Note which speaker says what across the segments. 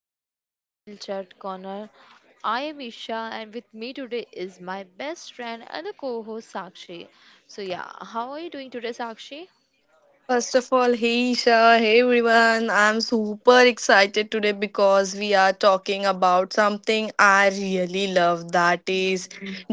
Speaker 1: welcome to our little chat corner. I am Isha, and with me today is my best friend and the co host Sakshi. So, yeah, how are you doing today, Sakshi?
Speaker 2: First of all, hey Isha, hey everyone. I'm super excited today because we are talking about something I really love, that is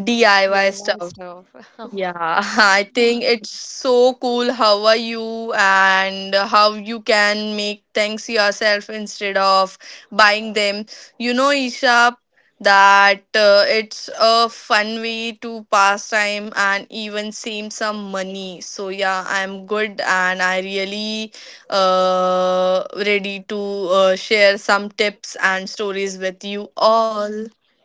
Speaker 2: DIY
Speaker 1: DIY
Speaker 2: stuff.
Speaker 1: stuff.
Speaker 2: Yeah, I think it's so cool. How are you? And how you can make things yourself instead of buying them. You know, Isha, that it's a fun way to pass time and even save some money. So, yeah, I'm good and I really ready to share some tips and stories with you
Speaker 1: Mm.
Speaker 2: all.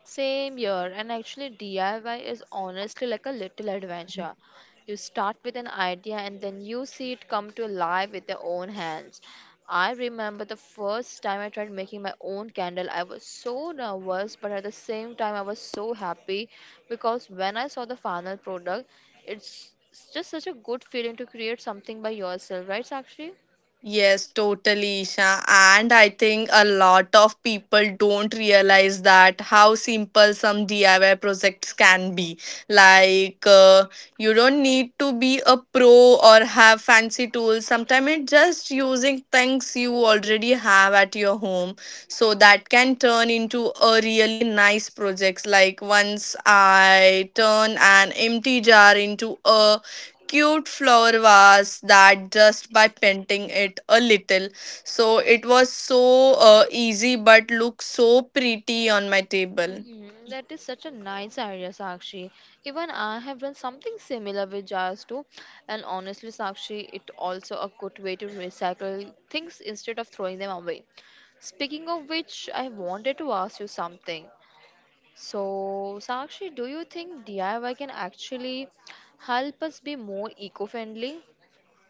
Speaker 1: Same year, and actually, DIY is honestly like a little adventure. You start with an idea and then you see it come to life with your own hands. I remember the first time I tried making my own candle, I was so nervous, but at the same time, I was so happy because when I saw the final product, it's just such a good feeling to create something by yourself, right, Sakshi?
Speaker 2: Yes, totally, Isha. And I think a lot of people don't realize that how simple some DIY projects can be. Like, you don't need to be a pro or have fancy tools. Sometimes it's just using things you already have at your home. So that can turn into a really nice project. Like, once I turn an empty jar into a cute flower vase that just by painting it a little. So it was so easy but looked so pretty on my table.
Speaker 1: Mhm, that is such a nice idea, Sakshi. Even I have done something similar with jars too. And honestly, Sakshi, it also a good way to recycle things instead of throwing them away. Speaking of which, I wanted to ask you something. So, Sakshi, do you think DIY can actually help us be more eco-friendly?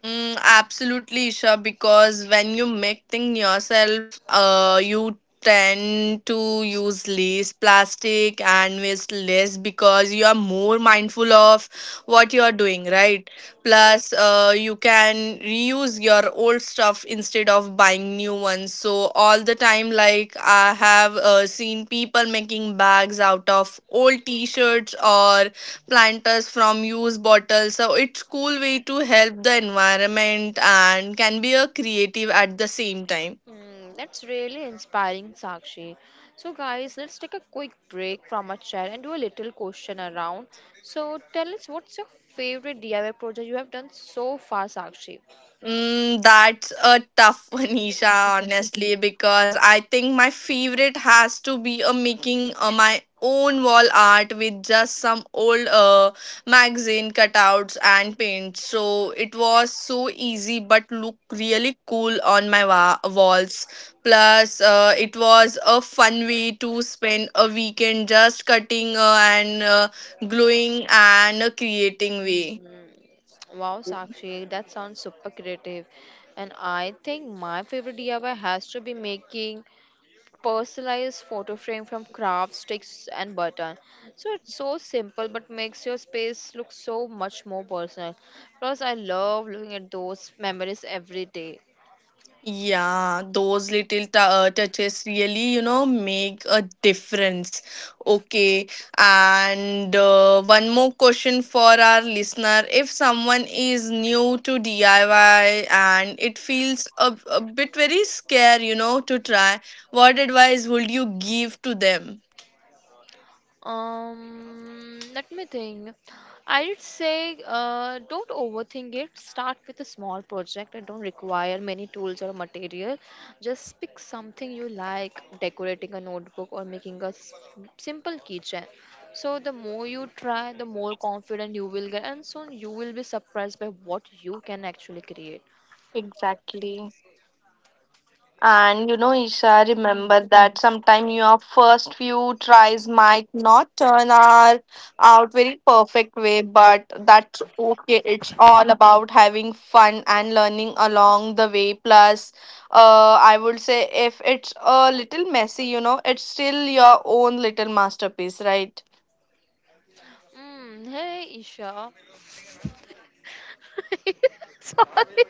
Speaker 2: Mm, absolutely, Isha, because when you make things yourself, you tend to use less plastic and waste less because you are more mindful of what you are doing, right? Plus, you can reuse your old stuff instead of buying new ones. So, all the time, like I have seen people making bags out of old t shirts or planters from used bottles, so it's cool way to help the environment and can be a creative at the same time.
Speaker 1: Mm, that's really inspiring, Sakshi. So, guys, let's take a quick break from our chair and do a little question around. So, tell us what's your favorite DIY project you have done so far, Sakshi?
Speaker 2: Mm, that's a tough one, Isha,
Speaker 1: Mhm.
Speaker 2: honestly, because I think my favorite has to be a making my own wall art with just some old magazine cutouts and paint. So it was so easy but looked really cool on my walls. Plus, it was a fun way to spend a weekend just cutting and gluing and creating way.
Speaker 1: Mm, wow, Sakshi, that sounds super creative. And I think my favorite DIY has to be making personalized photo frame from craft sticks and button, so it's so simple but makes your space look so much more personal. Plus I love looking at those memories every day.
Speaker 2: Yeah, those little touches really, you know, make a difference. Okay, and one more question for our listener. If someone is new to DIY and it feels a bit very scary, you know, to try, what advice would you give to them?
Speaker 1: Let me think. I'd say don't overthink it. Start with a small project. It don't require many tools or material. Just pick something you like, decorating a notebook or making a simple keychain. So the more you try, the more confident you will get, and soon you will be surprised by what you can actually create.
Speaker 2: Exactly. And you know, Isha,
Speaker 1: Hmm.
Speaker 2: remember that sometimes your first few tries might not turn our out very perfect way, but that's okay. It's all about having fun and learning along the way. Plus, I would say if it's a little messy, you know, it's still your own little masterpiece, right?
Speaker 1: Mm, hey, Isha. Sorry.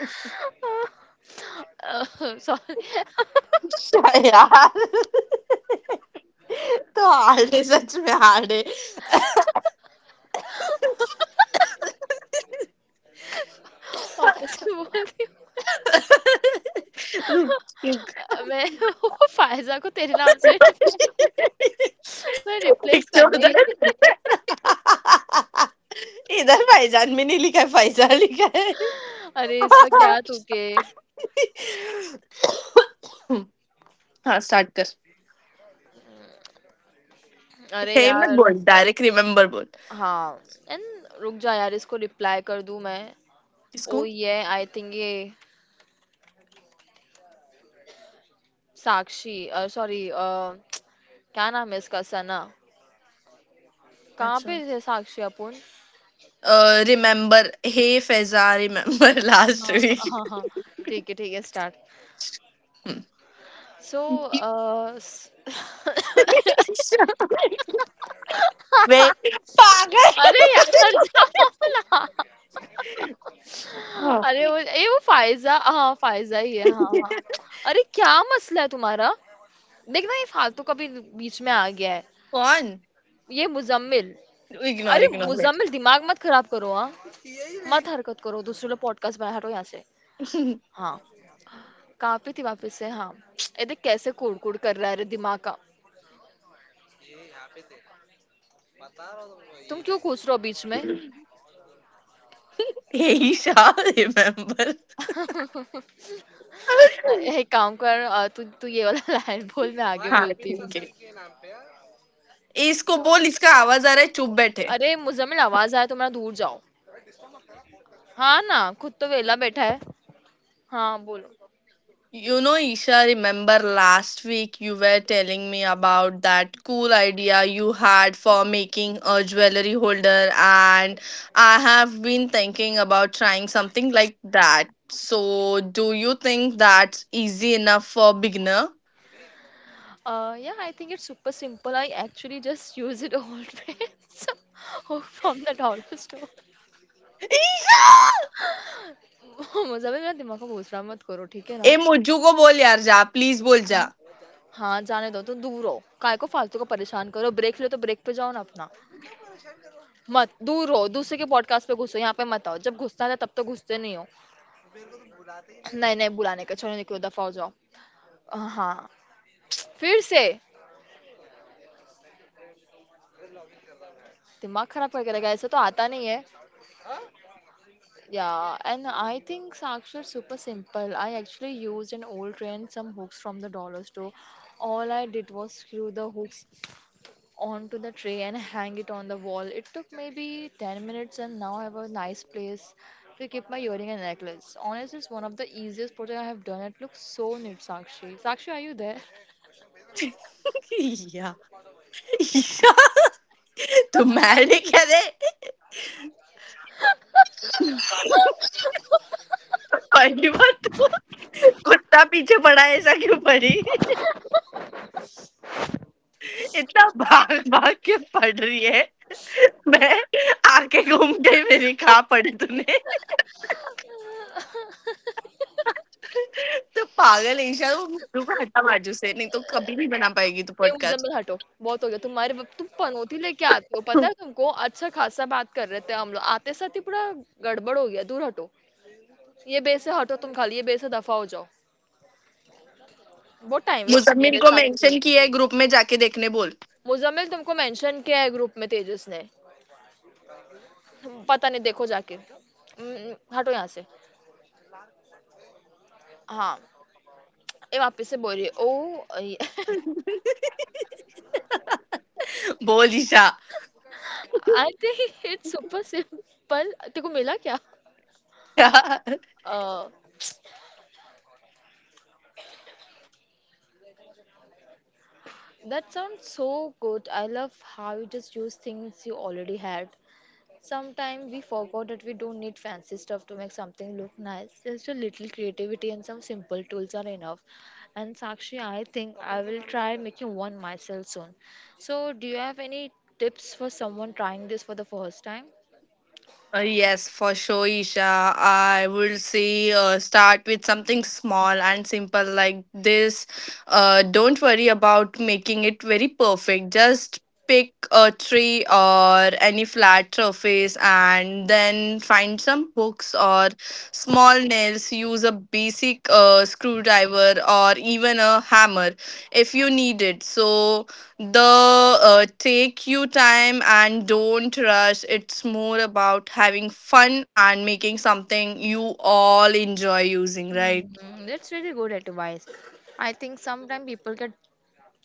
Speaker 1: Uh, sorry.
Speaker 2: अच्छा यार तो hard है, सच में hard है.
Speaker 1: Office में बोलती हूँ
Speaker 2: रुक.
Speaker 1: अ, मैं वो फ़ायज़ा को तेरे नाम से रिप्लेस मैं रिप्लेस
Speaker 2: Picture उधर,
Speaker 1: करने ही-
Speaker 2: इधर फाइजान में नहीं लिखा है, फाइजान लिखा है.
Speaker 1: अरे इसका क्या तुके
Speaker 2: हाँ, स्टार्ट कर.
Speaker 1: अरे
Speaker 2: हे मत
Speaker 1: यार
Speaker 2: बोल, डायरेक्ट रिमेम्बर बोल.
Speaker 1: हाँ एंड रुक जा यार इसको रिप्लाई कर दूँ मैं ओ
Speaker 2: किसको?
Speaker 1: ये आई थिंक ये साक्षी अ, सॉरी अ, क्या नाम है इसका सना कहाँ
Speaker 2: अच्छा.
Speaker 1: पे थे साक्षी अपुन
Speaker 2: remember hey Faiza, remember last
Speaker 1: हाँ हाँ हाँ
Speaker 2: वीक.
Speaker 1: हाँ, ठीक है स्टार्ट सो
Speaker 2: वे पागल.
Speaker 1: अरे यार
Speaker 2: हाँ.
Speaker 1: अरे वो ये वो फ़ायज़ा हाँ, फ़ायज़ा ही है, हाँ, हाँ। अरे क्या मसला है तुम्हारा? देखना ये फालतू का भी बीच में आ गया है।
Speaker 2: कौन?
Speaker 1: ये मुज़म्मिल
Speaker 2: इग्नोर,
Speaker 1: अरे
Speaker 2: इग्नोर.
Speaker 1: मुज़म्मिल दिमाग मत खराब करो हाँ। मत हरकत करो, दूसरे लोग पॉडकास्ट बनाए हटो यहाँ से। हाँ, कहाँ पे थी वापस से हाँ। ये देख कैसे कुढ़-कुढ़ कर रहा है अरे दिमाग का। तुम क्यों घुस रहे हो बीच में?
Speaker 2: He shall remember.
Speaker 1: अ, एक काम कर अ, तू ये वाला लाइन बोल मैं आगे
Speaker 2: हाँ,
Speaker 1: बोलती हूँ।
Speaker 2: ठीक है. इसको बोल, इसका आवाज आ रहा है, चुप बैठे.
Speaker 1: अरे मुज़म्मिल आवाज़ आए तो मैं दूर जाओ। हाँ ना, खुद तो वेला बैठा है। हाँ, बोलो।
Speaker 2: You know Isha, remember last week you were telling me about that cool idea you had for making a jewellery holder and I have been thinking about trying something like that, so do you think that's easy enough for beginner?
Speaker 1: Uh, yeah I think it's super simple. I actually just use it always from that dollar store.
Speaker 2: Isha,
Speaker 1: मुझे मेरा दिमाग का बोझ रहा मत करो, ठीक है
Speaker 2: ए
Speaker 1: ना?
Speaker 2: मुज्जू को बोल, यार जा, प्लीज बोल
Speaker 1: हाँ,
Speaker 2: जा.
Speaker 1: हाँ, जाने दो, तुम दूर रहो। काय को फालतू को परेशान करो? ब्रेक लो तो ब्रेक पे जाओ ना अपना। मत, दूर रहो, दूसरे के पॉडकास्ट पे घुसो, यहाँ पे मत आओ। जब घुसना था तब तो घुसते नहीं हो। नहीं, नहीं बुलाने का, छोड़ो निकलो, दफ़ा हो जाओ। अ, हाँ, फिर से दिमाग खराब करके रखा है, ऐसे तो आता नहीं है। Yeah, and I think Sakshi is super simple. I actually used an old tray and some hooks from the dollar store. All I did was screw the hooks onto the tray and hang it on the wall. It took maybe 10 minutes, and now I have a nice place to keep my earring and necklace. Honestly, it's one of the easiest projects I have done. It looks so neat, Sakshi. Sakshi, are you there?
Speaker 2: या, ईशा तुम्हारे क्या रे, पहली बार तो. कुत्ता पीछे पड़ा है, ऐसा क्यों पड़ी? इतना भाग भाग के पड़ रही है. मैं आके घूम गई, मेरी कहा पड़ी तूने. तो पागल है ईशा. तू हटा बाजू से, नहीं तो कभी नहीं बना पाएगी तू
Speaker 1: पे
Speaker 2: पॉडकास्ट.
Speaker 1: मुजम्मिल हटो बहुत हो गया तुम्हारे बाप- तुम पनौती लेके आते हो पता है तुमको अच्छा खासा बात कर रहे थे हम लोग आते साथ ही पूरा गड़बड़ हो गया दूर हटो ये बेस से हटो तुम खाली ये बेस से दफा हो जाओ बहुत टाइम वेस्ट हो गया
Speaker 2: मुजम्मिल
Speaker 1: रे
Speaker 2: को मेंशन
Speaker 1: साक्षी
Speaker 2: किया है ग्रुप में, जाके देखने बोल.
Speaker 1: मुजम्मिल तुमको मेंशन किया है ग्रुप में तेजस ने पता नहीं देखो जाके हम्म, हटो यहाँ से हाँ ये वापस से बोल रही है ओ
Speaker 2: बोल Isha.
Speaker 1: I think it's super simple तेरे को मिला क्या that sound so good I love how you just use things you already had Sometimes we forgot that we don't need fancy stuff to make something look nice. Just a little creativity and some simple tools are enough. And Sakshi, I think I will try making one myself soon. So, do you have any tips for someone trying this for the first time?
Speaker 2: Yes, for sure, Isha. I would say start with something small and simple like this. Don't worry about making it very perfect. Just pick a tree or any flat surface and then find some hooks or small nails. Use a basic screwdriver or even a hammer if you need it. So, the take you time and don't rush. It's more about having fun and making something you all enjoy using, right?
Speaker 1: Mm, that's really good advice. I think sometimes people get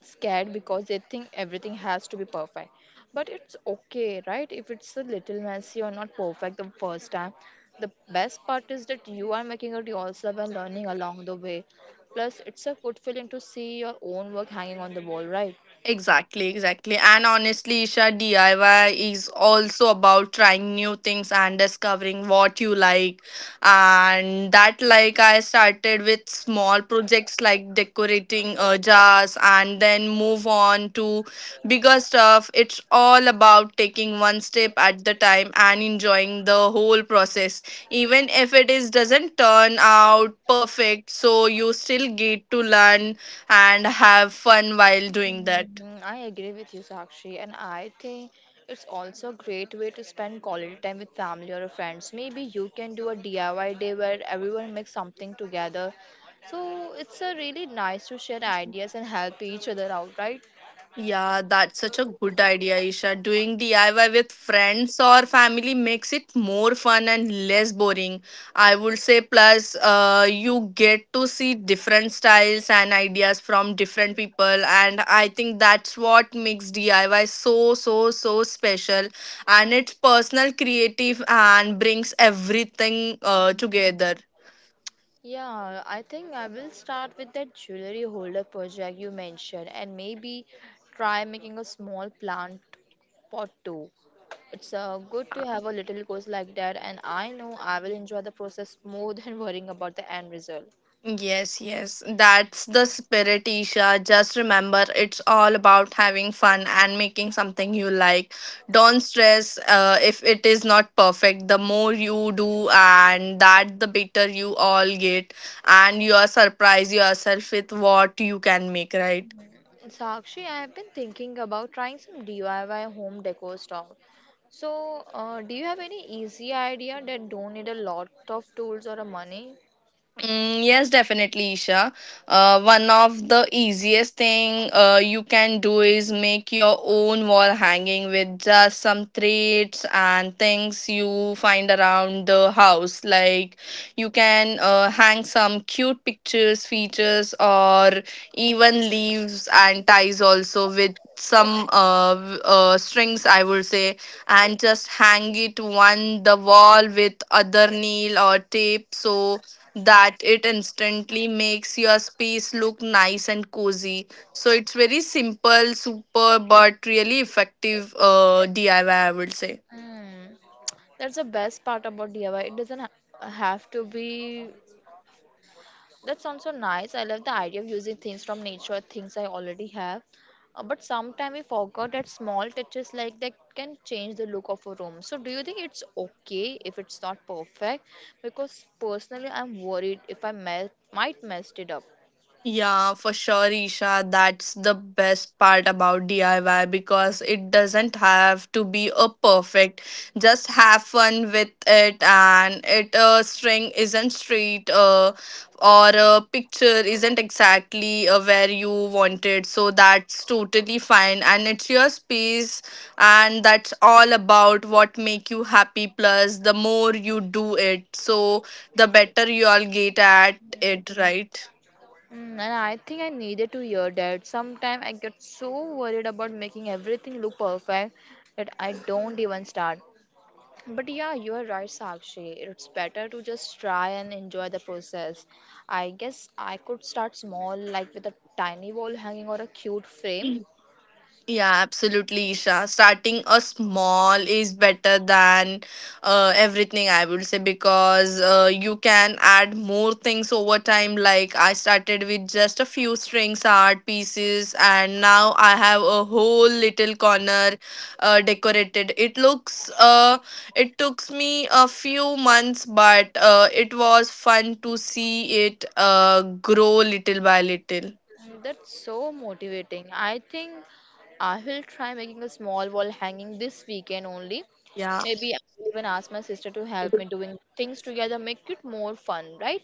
Speaker 1: scared because they think everything has to be perfect. But it's okay, right? If it's a little messy or not perfect the first time. The best part is that you are making it yourself and learning along the way. Plus, it's a fulfilling to see your own work hanging on the wall, right?
Speaker 2: Exactly, exactly. And honestly, Isha, DIY is also about trying new things and discovering what you like. And that, like, I started with small projects like decorating jars and then move on to bigger stuff. It's all about taking one step at the time and enjoying the whole process. Even if it is doesn't turn out perfect, so you still get to learn and have fun while doing that.
Speaker 1: Mhm, I agree with you, Sakshi, and I think it's also a great way to spend quality time with family or friends. Maybe you can do a DIY day where everyone makes something together. So it's a really nice to share ideas and help each other out, right?
Speaker 2: Yeah, that's such a good idea, Isha. Doing DIY with friends or family makes it more fun and less boring. I would say, plus, you get to see different styles and ideas from different people, and I think that's what makes DIY so, so, so special. And it's personal, creative, and brings everything together.
Speaker 1: Yeah, I think I will start with that jewelry holder project you mentioned and maybe try making a small plant pot too. It's good to have a little course like that, and I know I will enjoy the process more than worrying about the end result.
Speaker 2: Yes, yes, that's the spirit, Isha. Just remember, it's all about having fun and making something you like. Don't stress if it is not perfect. The more you do, and that the better you all get, and you are surprised yourself with what you can make, right?
Speaker 1: Sakshi, I have been thinking about trying some DIY home decor stuff. So, do you have any easy idea that don't need a lot of tools or a money?
Speaker 2: Mm, yes, definitely, Isha. One of the easiest thing you can do is make your own wall hanging with just some threads and things you find around the house. Like you can hang some cute pictures, features, or even leaves and ties also with some strings, I would say, and just hang it one the wall with other nail or tape, so that it instantly makes your space look nice and cozy. So it's very simple, super, but really effective DIY, I Y, I would say.
Speaker 1: Hmm. That's the best part about DIY. It doesn't have to be. That sounds so nice. I love the idea of using things from nature, things I already have. But sometimes we forgot that small touches like that can change the look of a room. So, do you think it's okay if it's not perfect? Because personally, I'm worried if might mess it up.
Speaker 2: Yeah, for sure, Isha. That's the best part about DIY, because it doesn't have to be a perfect. Just have fun with it, and it string isn't straight, or a picture isn't exactly where you want it. So that's totally fine, and it's your space, and that's all about what make you happy. Plus, the more you do it, so the better you all get at it, right?
Speaker 1: Mm, and I think I needed to hear that. Sometimes I get so worried about making everything look perfect that I don't even start. But yeah, you are right, Sakshi. It's better to just try and enjoy the process. I guess I could start small, like with a tiny wall hanging or a cute frame.
Speaker 2: Yeah, absolutely, Isha. Starting a small is better than everything, I would say, because you can add more things over time. Like, I started with just a few strings, art pieces, and now I have a whole little corner decorated. It looks, it took me a few months, but it was fun to see it grow little by little.
Speaker 1: Mm, that's so motivating. I think I will try making a small wall hanging this weekend only.
Speaker 2: Yeah.
Speaker 1: Maybe I will even ask my sister to help me doing things together, make it more fun, right?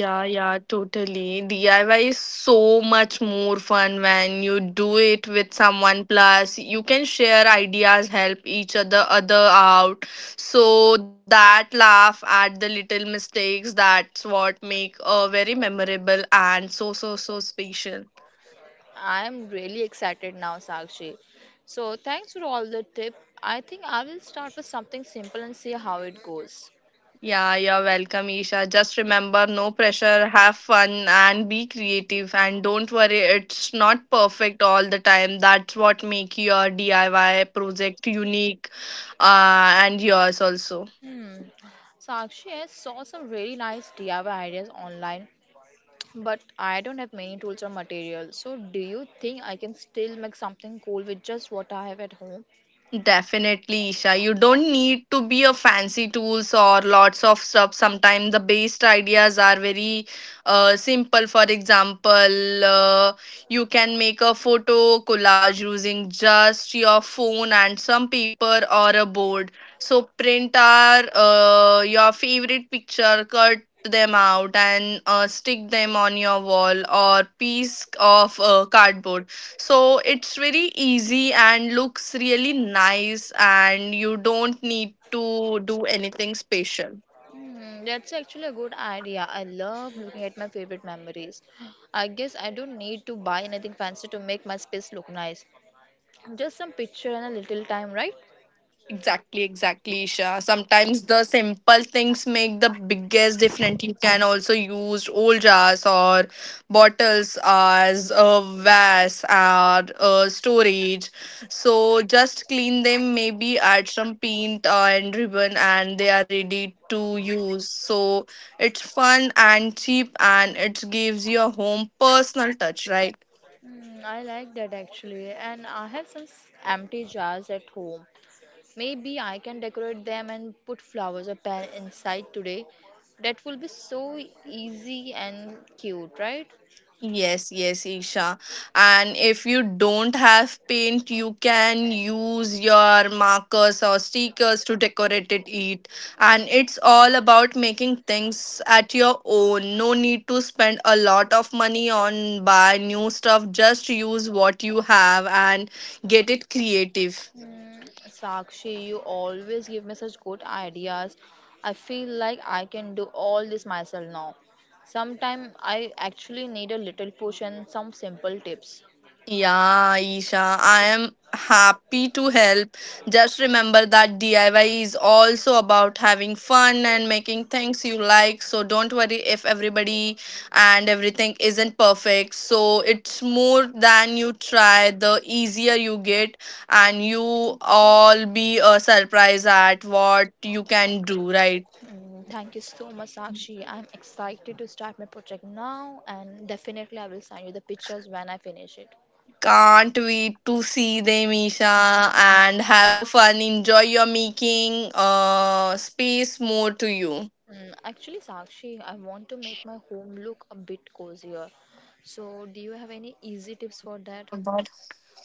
Speaker 2: Yeah, yeah, totally. DIY is so much more fun when you do it with someone. Plus, you can share ideas, help each other out. So that laugh at the little mistakes, that's what make a very memorable and so, so, so special.
Speaker 1: I'm really excited now, Sakshi. So thanks for all the tip. I think I will start with something simple and see how it goes.
Speaker 2: Yeah, you're welcome, Isha. Just remember, no pressure, have fun, and be creative. And don't worry, it's not perfect all the time. That's what make your DIY project unique and yours also.
Speaker 1: Hmm. Sakshi, I saw some really nice DIY ideas online, but I don't have many tools or materials. So, do you think I can still make something cool with just what I have at home?
Speaker 2: Definitely, Isha. You don't need to be a fancy tools or lots of stuff. Sometimes the best ideas are very simple. For example, you can make a photo collage using just your phone and some paper or a board. So print our your favorite picture, cut them out and stick them on your wall or piece of cardboard, so it's very easy and looks really nice, and you don't need to do anything special.
Speaker 1: Hmm, that's actually a good idea. I love looking at my favorite memories. I guess I don't need to buy anything fancy to make my space look nice. Just some picture and a little time, right?
Speaker 2: Exactly, exactly, Isha. Sometimes the simple things make the biggest difference. You can also use old jars or bottles as a vase or a storage. So just clean them, maybe add some paint and ribbon, and they are ready to use. So it's fun and cheap, and it gives your home personal touch, right?
Speaker 1: Mm, I like that actually, and I have some empty jars at home. Maybe I can decorate them and put flowers or pen inside today. That will be so easy and cute, right?
Speaker 2: Yes, yes, Isha. And if you don't have paint, you can use your markers or stickers to decorate it, eat. And it's all about making things at your own. No need to spend a lot of money on buy new stuff. Just use what you have and get it creative.
Speaker 1: Mm, Sakshi, you always give me such good ideas. I feel like I can do all this myself now. Sometimes I actually need a little push and some simple tips.
Speaker 2: Yeah, Isha, I am happy to help. Just remember that DIY is also about having fun and making things you like. So don't worry if everybody and everything isn't perfect. So it's more than you try, the easier you get, and you all be surprised at what you can do, right?
Speaker 1: Mm, thank you so much, Sakshi. I'm excited to start my project now, and definitely I will send you the pictures when I finish it.
Speaker 2: Can't wait to see them, Isha, and have a fun. Enjoy your making space more to you.
Speaker 1: Mm, actually, Sakshi, I want to make my home look a bit cozier. So, do you have any easy tips for that?
Speaker 2: About-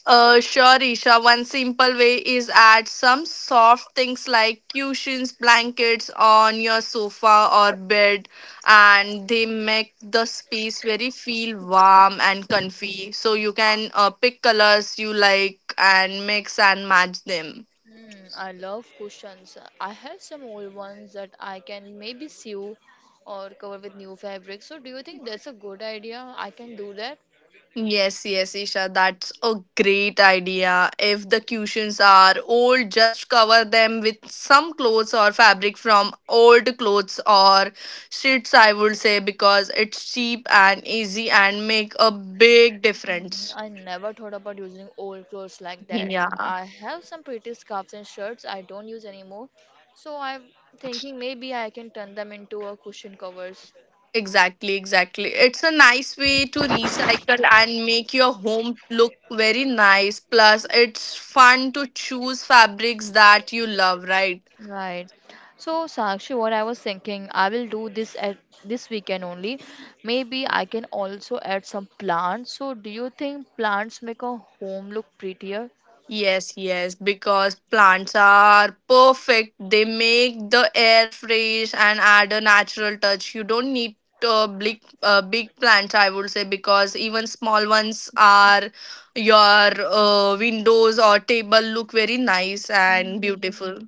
Speaker 2: Sure, Isha. One simple way is add some soft things like cushions, blankets on your sofa or bed, and they make the space very feel warm and comfy. So you can pick colors you like and mix and match them.
Speaker 1: Mm, I love cushions. I have some old ones that I can maybe sew or cover with new fabric. So, do you think that's a good idea? I can do that.
Speaker 2: Yes, yes, Isha, that's a great idea. If the cushions are old, just cover them with some clothes or fabric from old clothes or sheets, I would say, because it's cheap and easy and make a big
Speaker 1: Mm,
Speaker 2: difference.
Speaker 1: I never thought about using old clothes like that.
Speaker 2: Yeah.
Speaker 1: I have some pretty scarves and shirts I don't use anymore. So, I'm thinking maybe I can turn them into a cushion covers.
Speaker 2: Exactly, exactly. It's a nice way to recycle and make your home look very nice. Plus, it's fun to choose fabrics that you love, right?
Speaker 1: Right. So, Sakshi, what I was thinking, I will do this at this weekend only. Maybe I can also add some plants. So, do you think plants make a home look prettier?
Speaker 2: Yes, yes, because plants are perfect. They make the air fresh and add a natural touch. You don't need big plants, I would say, because even small ones are your windows or table look very nice and
Speaker 1: Mm.
Speaker 2: beautiful.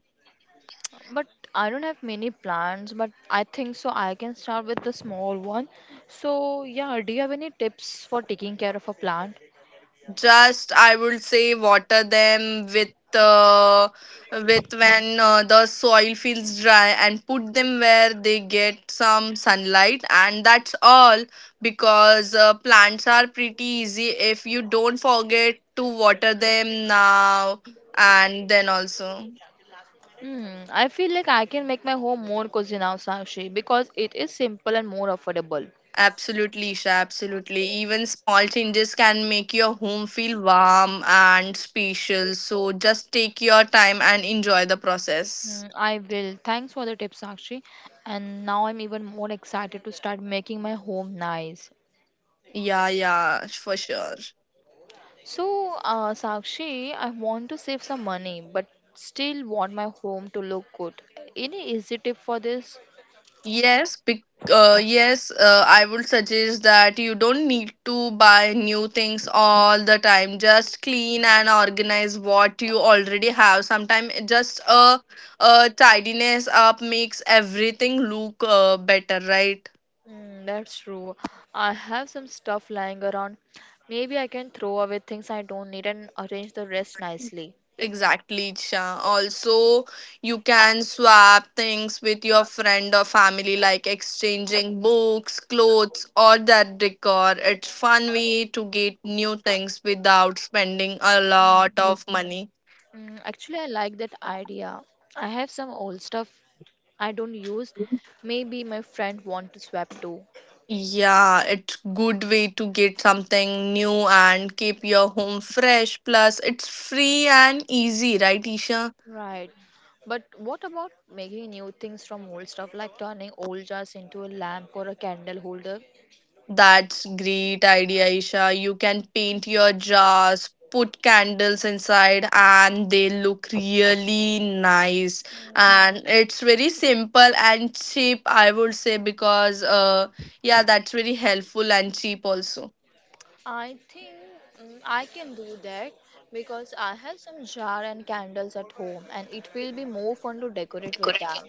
Speaker 1: But I don't have many plants, but I think so I can start with the small one. So, yeah, do you have any tips for taking care of a plant?
Speaker 2: Just I would say water them uh, with when the soil feels dry and put them where they get some sunlight, and that's all because plants are pretty easy if you don't forget to water them now and then also.
Speaker 1: Hmm, I feel like I can make my home more cozy now, Sakshi, because it is simple and more affordable.
Speaker 2: Absolutely, Isha, absolutely. Even small changes can make your home feel warm and special. So just take your time and enjoy the process.
Speaker 1: Mm, I will. Thanks for the tips, Sakshi. And now I'm even more excited to start making my home nice.
Speaker 2: Yeah, yeah, for sure.
Speaker 1: So, Sakshi, I want to save some money, but still want my home to look good. Any easy tip for this?
Speaker 2: Yes, bec- yes, I would suggest that you don't need to buy new things all the time. Just clean and organize what you already have. Sometimes just a tidiness up makes everything look better, right?
Speaker 1: Mm, that's true. I have some stuff lying around. Maybe I can throw away things I don't need and arrange the rest nicely.
Speaker 2: Exactly, Isha. Also, you can swap things with your friend or family, like exchanging books, clothes, or that decor. It's fun way to get new things without spending a lot of money.
Speaker 1: Mm, actually, I like that idea. I have some old stuff I don't use. Maybe my friend want to swap too.
Speaker 2: Yeah, it's good way to get something new and keep your home fresh. Plus, it's free and easy, right, Isha?
Speaker 1: Right. But what about making new things from old stuff, like turning old jars into a lamp or a candle holder?
Speaker 2: That's great idea, Isha. You can paint your jars, put candles inside, and they look really nice. And it's very simple and cheap, I would say, because yeah, that's very helpful and cheap also.
Speaker 1: I think I can do that because I have some jar and candles at home and it will be more fun to decorate with them.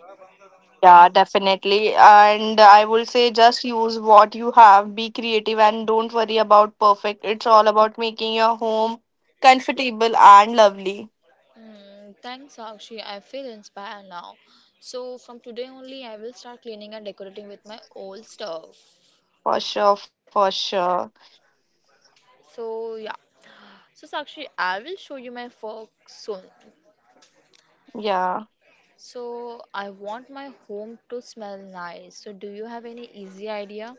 Speaker 2: Yeah, definitely. And I will say just use what you have, be creative, and don't worry about perfect. It's all about making your home comfortable and lovely.
Speaker 1: Mm, thanks, Sakshi. I feel inspired now. So, from today only, I will start cleaning and decorating with my old stuff.
Speaker 2: For sure, for sure.
Speaker 1: So, yeah. So, Sakshi, I will show you my work soon.
Speaker 2: Yeah.
Speaker 1: So I want my home to smell nice. So do you have any easy idea?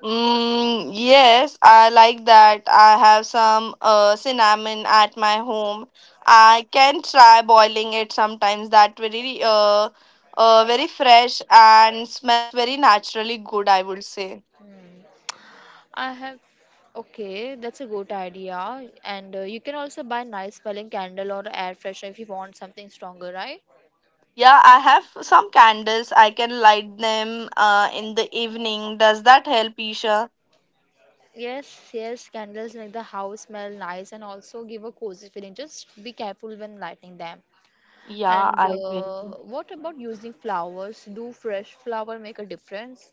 Speaker 2: Mm, yes, I like that. I have some cinnamon at my home. I can try boiling it sometimes. That very very fresh and smells very naturally good, I would say.
Speaker 1: Hmm. I have. Okay, that's a good idea. And you can also buy nice smelling candle or air freshener if you want something stronger, right?
Speaker 2: Yeah, I have some candles. I can light them in the evening. Does that help, Isha?
Speaker 1: Yes, yes, candles make the house smell nice and also give a cozy feeling. Just be careful when lighting them.
Speaker 2: Yeah,
Speaker 1: And
Speaker 2: I will.
Speaker 1: what about using flowers? Do fresh flower make a difference?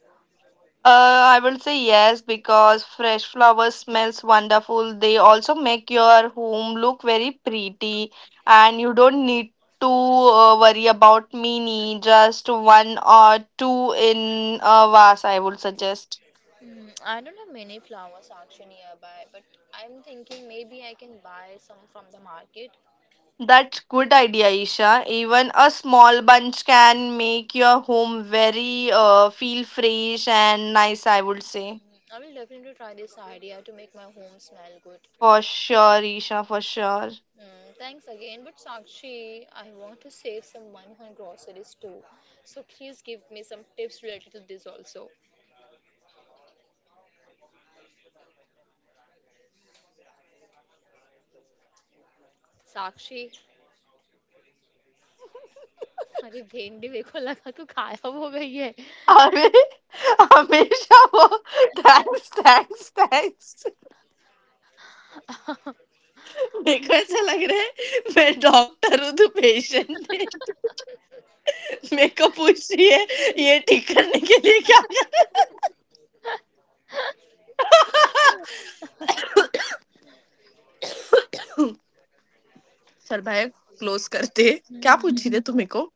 Speaker 2: I will say yes because fresh flowers smells wonderful. They also make your home look very pretty, and you don't need to worry about mini. Just one or two in a vase, I would suggest.
Speaker 1: Mm, I don't have many flowers auction nearby, but I'm thinking maybe I can buy some from the market.
Speaker 2: That's good idea, Isha. Even a small bunch can make your home very feel fresh and nice, I would say.
Speaker 1: I will definitely try this idea to make my home smell good.
Speaker 2: For sure, Isha, for sure.
Speaker 1: Mm, thanks again, but Sakshi, I want to save some money on groceries too. So please give me some tips related to this also. Sakshi अरे भेंडी मेरे को लगा तो गायब हो गई है
Speaker 2: अरे हमेशा वो थैंक्स थैंक्स थैंक्स मेरे को ऐसा लग रहा है मैं डॉक्टर हूँ, तू पेशेंट है, मेरे को पूछ रही है ये ठीक करने के लिए क्या करूँ। चल भाई क्लोज करते। क्या
Speaker 1: हम्म,
Speaker 2: पूछी थी तू मेरे को?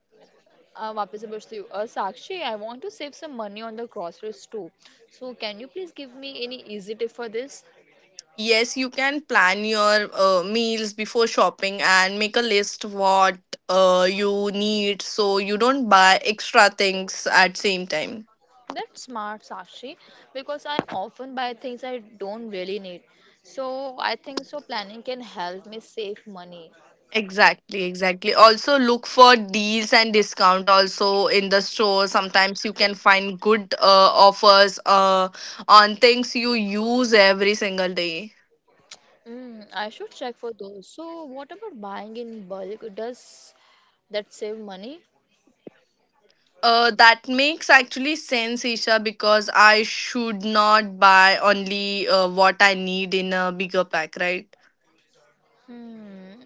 Speaker 1: वापस से पूछती हूँ Sakshi I want to save some money on the groceries too so can you please give me any easy tip for this.
Speaker 2: Yes, you can plan your meals before shopping and make a list what you need, so you don't buy extra things at same time.
Speaker 1: That's smart, Sakshi, because I often buy things I don't really need. So I think so planning can help me save money.
Speaker 2: Exactly, exactly. Also look for deals and discount also in the store. Sometimes you can find good offers on things you use every single day.
Speaker 1: Mm, I should check for those. So what about buying in bulk? Does that save money?
Speaker 2: That makes actually sense, Isha, because I should not buy only what I need in a bigger pack, right?
Speaker 1: Hmm.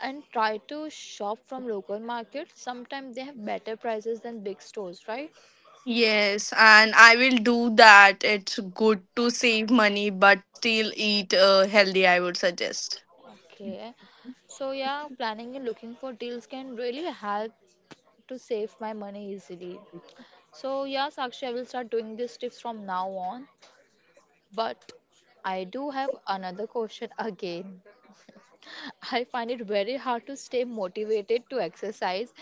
Speaker 1: And try to shop from local markets. Sometimes they have better prices than big stores, right?
Speaker 2: Yes, and I will do that. It's good to save money but still eat healthy, I would suggest.
Speaker 1: Okay. So yeah, planning and looking for deals can really help to save my money easily. So, yeah, Sakshi, I will start doing these tips from now on. But I do have another question again. I find it very hard to stay motivated to exercise.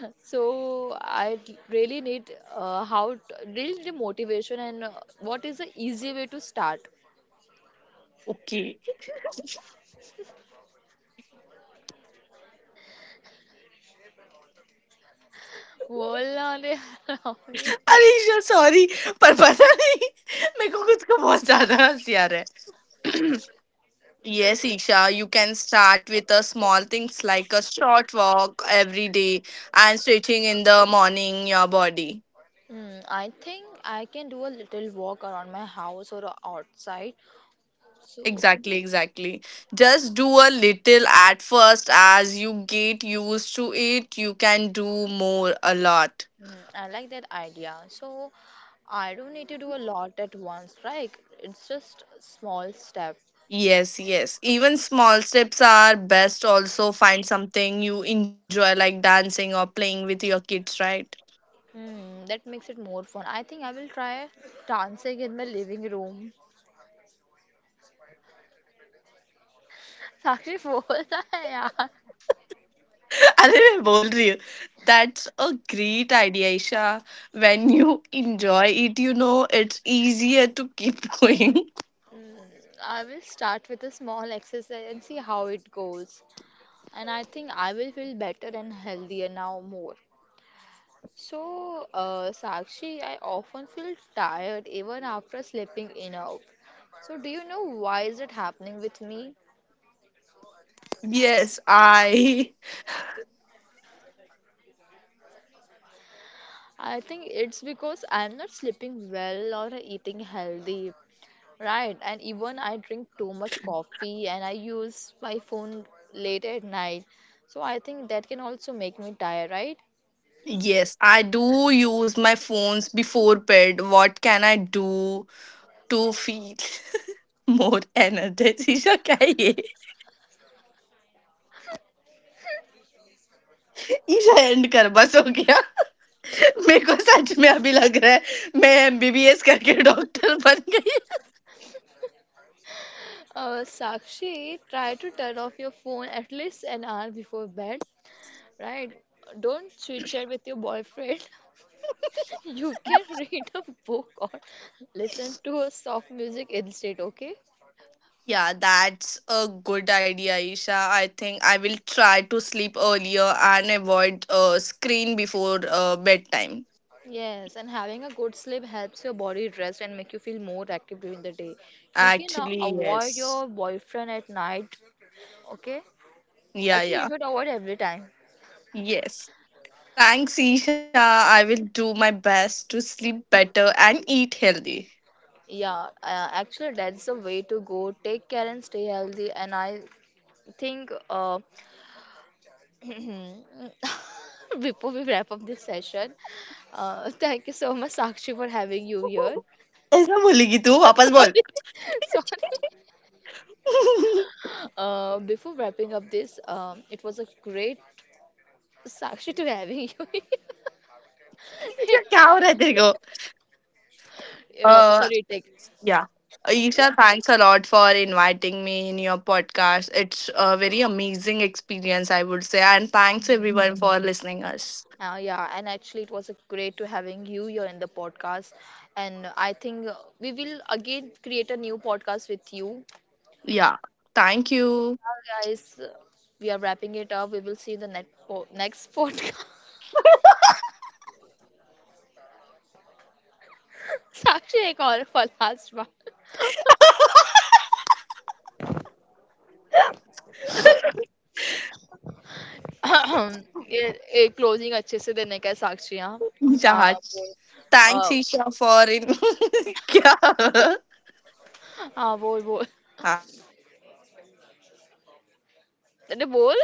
Speaker 1: So, I really need uh, how t- really need motivation and what is the easy way to start?
Speaker 2: Okay.
Speaker 1: Hola.
Speaker 2: अरे sorry पर पता नहीं मेरे को खुद को बहुत ज्यादा हंसी आ रहा है। Yes, Isha, you can start with a small things like a short walk every day and stretching in the morning your body.
Speaker 1: Hmm, I think I can do a little walk around my house or outside. So.
Speaker 2: Exactly, exactly. Just do a little at first. As you get used to it, you can do more a lot.
Speaker 1: Mhm, I like that idea. So I don't need to do a lot at once, right? It's just a small step.
Speaker 2: Yes, yes. Even small steps are best. Also, find something you enjoy, like dancing or playing with your kids, right?
Speaker 1: Hmm, that makes it more fun. I think I will try dancing in my living room. Sakshi bolta hai yaar.
Speaker 2: अरे मैं बोल रही हूँ। That's a great idea, Isha. When you enjoy it, you know it's easier to keep going.
Speaker 1: Hmm, I will start with a small exercise and see how it goes. And I think I will feel better and healthier now more. So, Sakshi, I often feel tired even after sleeping enough. So, do you know why is it happening with me?
Speaker 2: Yes, I.
Speaker 1: I think it's because I'm not sleeping well or eating healthy, right? And even I drink too much coffee and I use my phone late at night. So I think that can also make me tired, right?
Speaker 2: Yes, I do use my phones before bed. What can I do to feel more energetic? Isha क्या है ये? Isha and कर, बस हो गया। मेरे को सच में अभी लग रहा है मैं एमबीबीएस करके डॉक्टर बन गई।
Speaker 1: Sakshi, try to turn off your phone at least an hour before bed, right? Don't switch it with your boyfriend. You can read a book or listen to a soft music instead, okay?
Speaker 2: Yeah, that's a good idea, Isha. I think I will try to sleep earlier and avoid screen before bedtime.
Speaker 1: Yes, and having a good sleep helps your body rest and make you feel more active during the day. You can
Speaker 2: Actually,
Speaker 1: avoid
Speaker 2: yes.
Speaker 1: your boyfriend at night, okay?
Speaker 2: Yeah,
Speaker 1: Actually, you
Speaker 2: yeah.
Speaker 1: should avoid every time.
Speaker 2: Yes. Thanks, Isha. I will do my best to sleep better and eat healthy.
Speaker 1: Yeah, actually, that's the way to go. Take care and stay healthy. And I think before we wrap up this session, thank you so much, Sakshi, for having you here.
Speaker 2: ऐसा बोलेगी तू, वापस बोल।
Speaker 1: Sorry, sorry.
Speaker 2: Isha,
Speaker 1: Before wrapping up this, it was a great Sakshi, to having you.
Speaker 2: क्या हो रहा है तेरे को?
Speaker 1: Vapas a
Speaker 2: uh
Speaker 1: retake.
Speaker 2: yeah. Isha, thanks a lot for inviting me in your podcast. It's a very amazing experience, I would say. And thanks everyone for listening us.
Speaker 1: Yeah, and actually, it was a great to having you here in the podcast. And I think we will again create a new podcast with you.
Speaker 2: Yeah. Thank you.
Speaker 1: Now, guys, we are wrapping it up. We will see you in the next next podcast. Sakshi, एक और for last one. ये ये closing अच्छे से देने का है साक्षी, हाँ. हाँ
Speaker 2: Isha.
Speaker 1: बोल.
Speaker 2: Thanks
Speaker 1: a,
Speaker 2: Isha for in Yeah.
Speaker 1: हाँ बोल बोल. अरे बोल.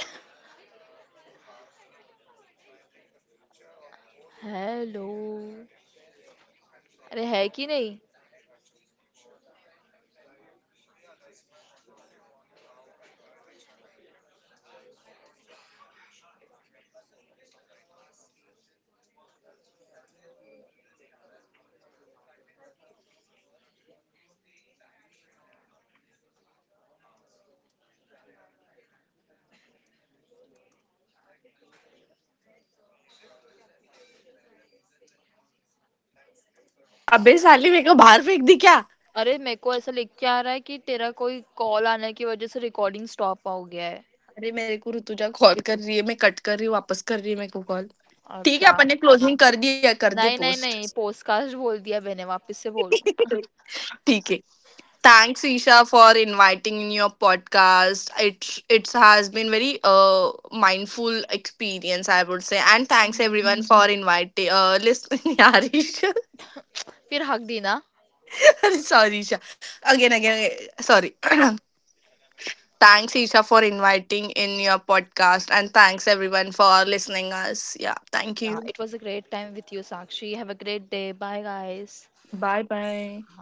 Speaker 1: हेलो. अरे है कि नहीं?
Speaker 2: अबे साली मेरे को बाहर फेंक दी क्या?
Speaker 1: अरे मेरे को ऐसा लिख के आ रहा है कि तेरा कोई कॉल आने की वजह से रिकॉर्डिंग स्टॉप हो गया है.
Speaker 2: अरे मेरे को रुतुजा कॉल कर रही है, मैं कट कर रही हूँ, वापस कर रही हूँ मेरे को कॉल। ठीक है,
Speaker 1: अच्छा.
Speaker 2: अपने क्लोजिंग कर दिया, कर दे
Speaker 1: नहीं नहीं
Speaker 2: पोस्ट।
Speaker 1: नहीं, पोस्टकास्ट बोल दिया मैंने, वापस से बोल.
Speaker 2: ठीक है। Thanks Isha for inviting in your podcast it it has been very a mindful experience I बोलते हैं एंड
Speaker 1: हम्म, फिर हक देना.
Speaker 2: थै Thanks, Isha, for inviting in your podcast. And thanks, everyone, for listening us. Yeah, thank
Speaker 1: yeah
Speaker 2: you.
Speaker 1: It was a great time with you Sakshi have a great day bye guys.
Speaker 2: Bye bye.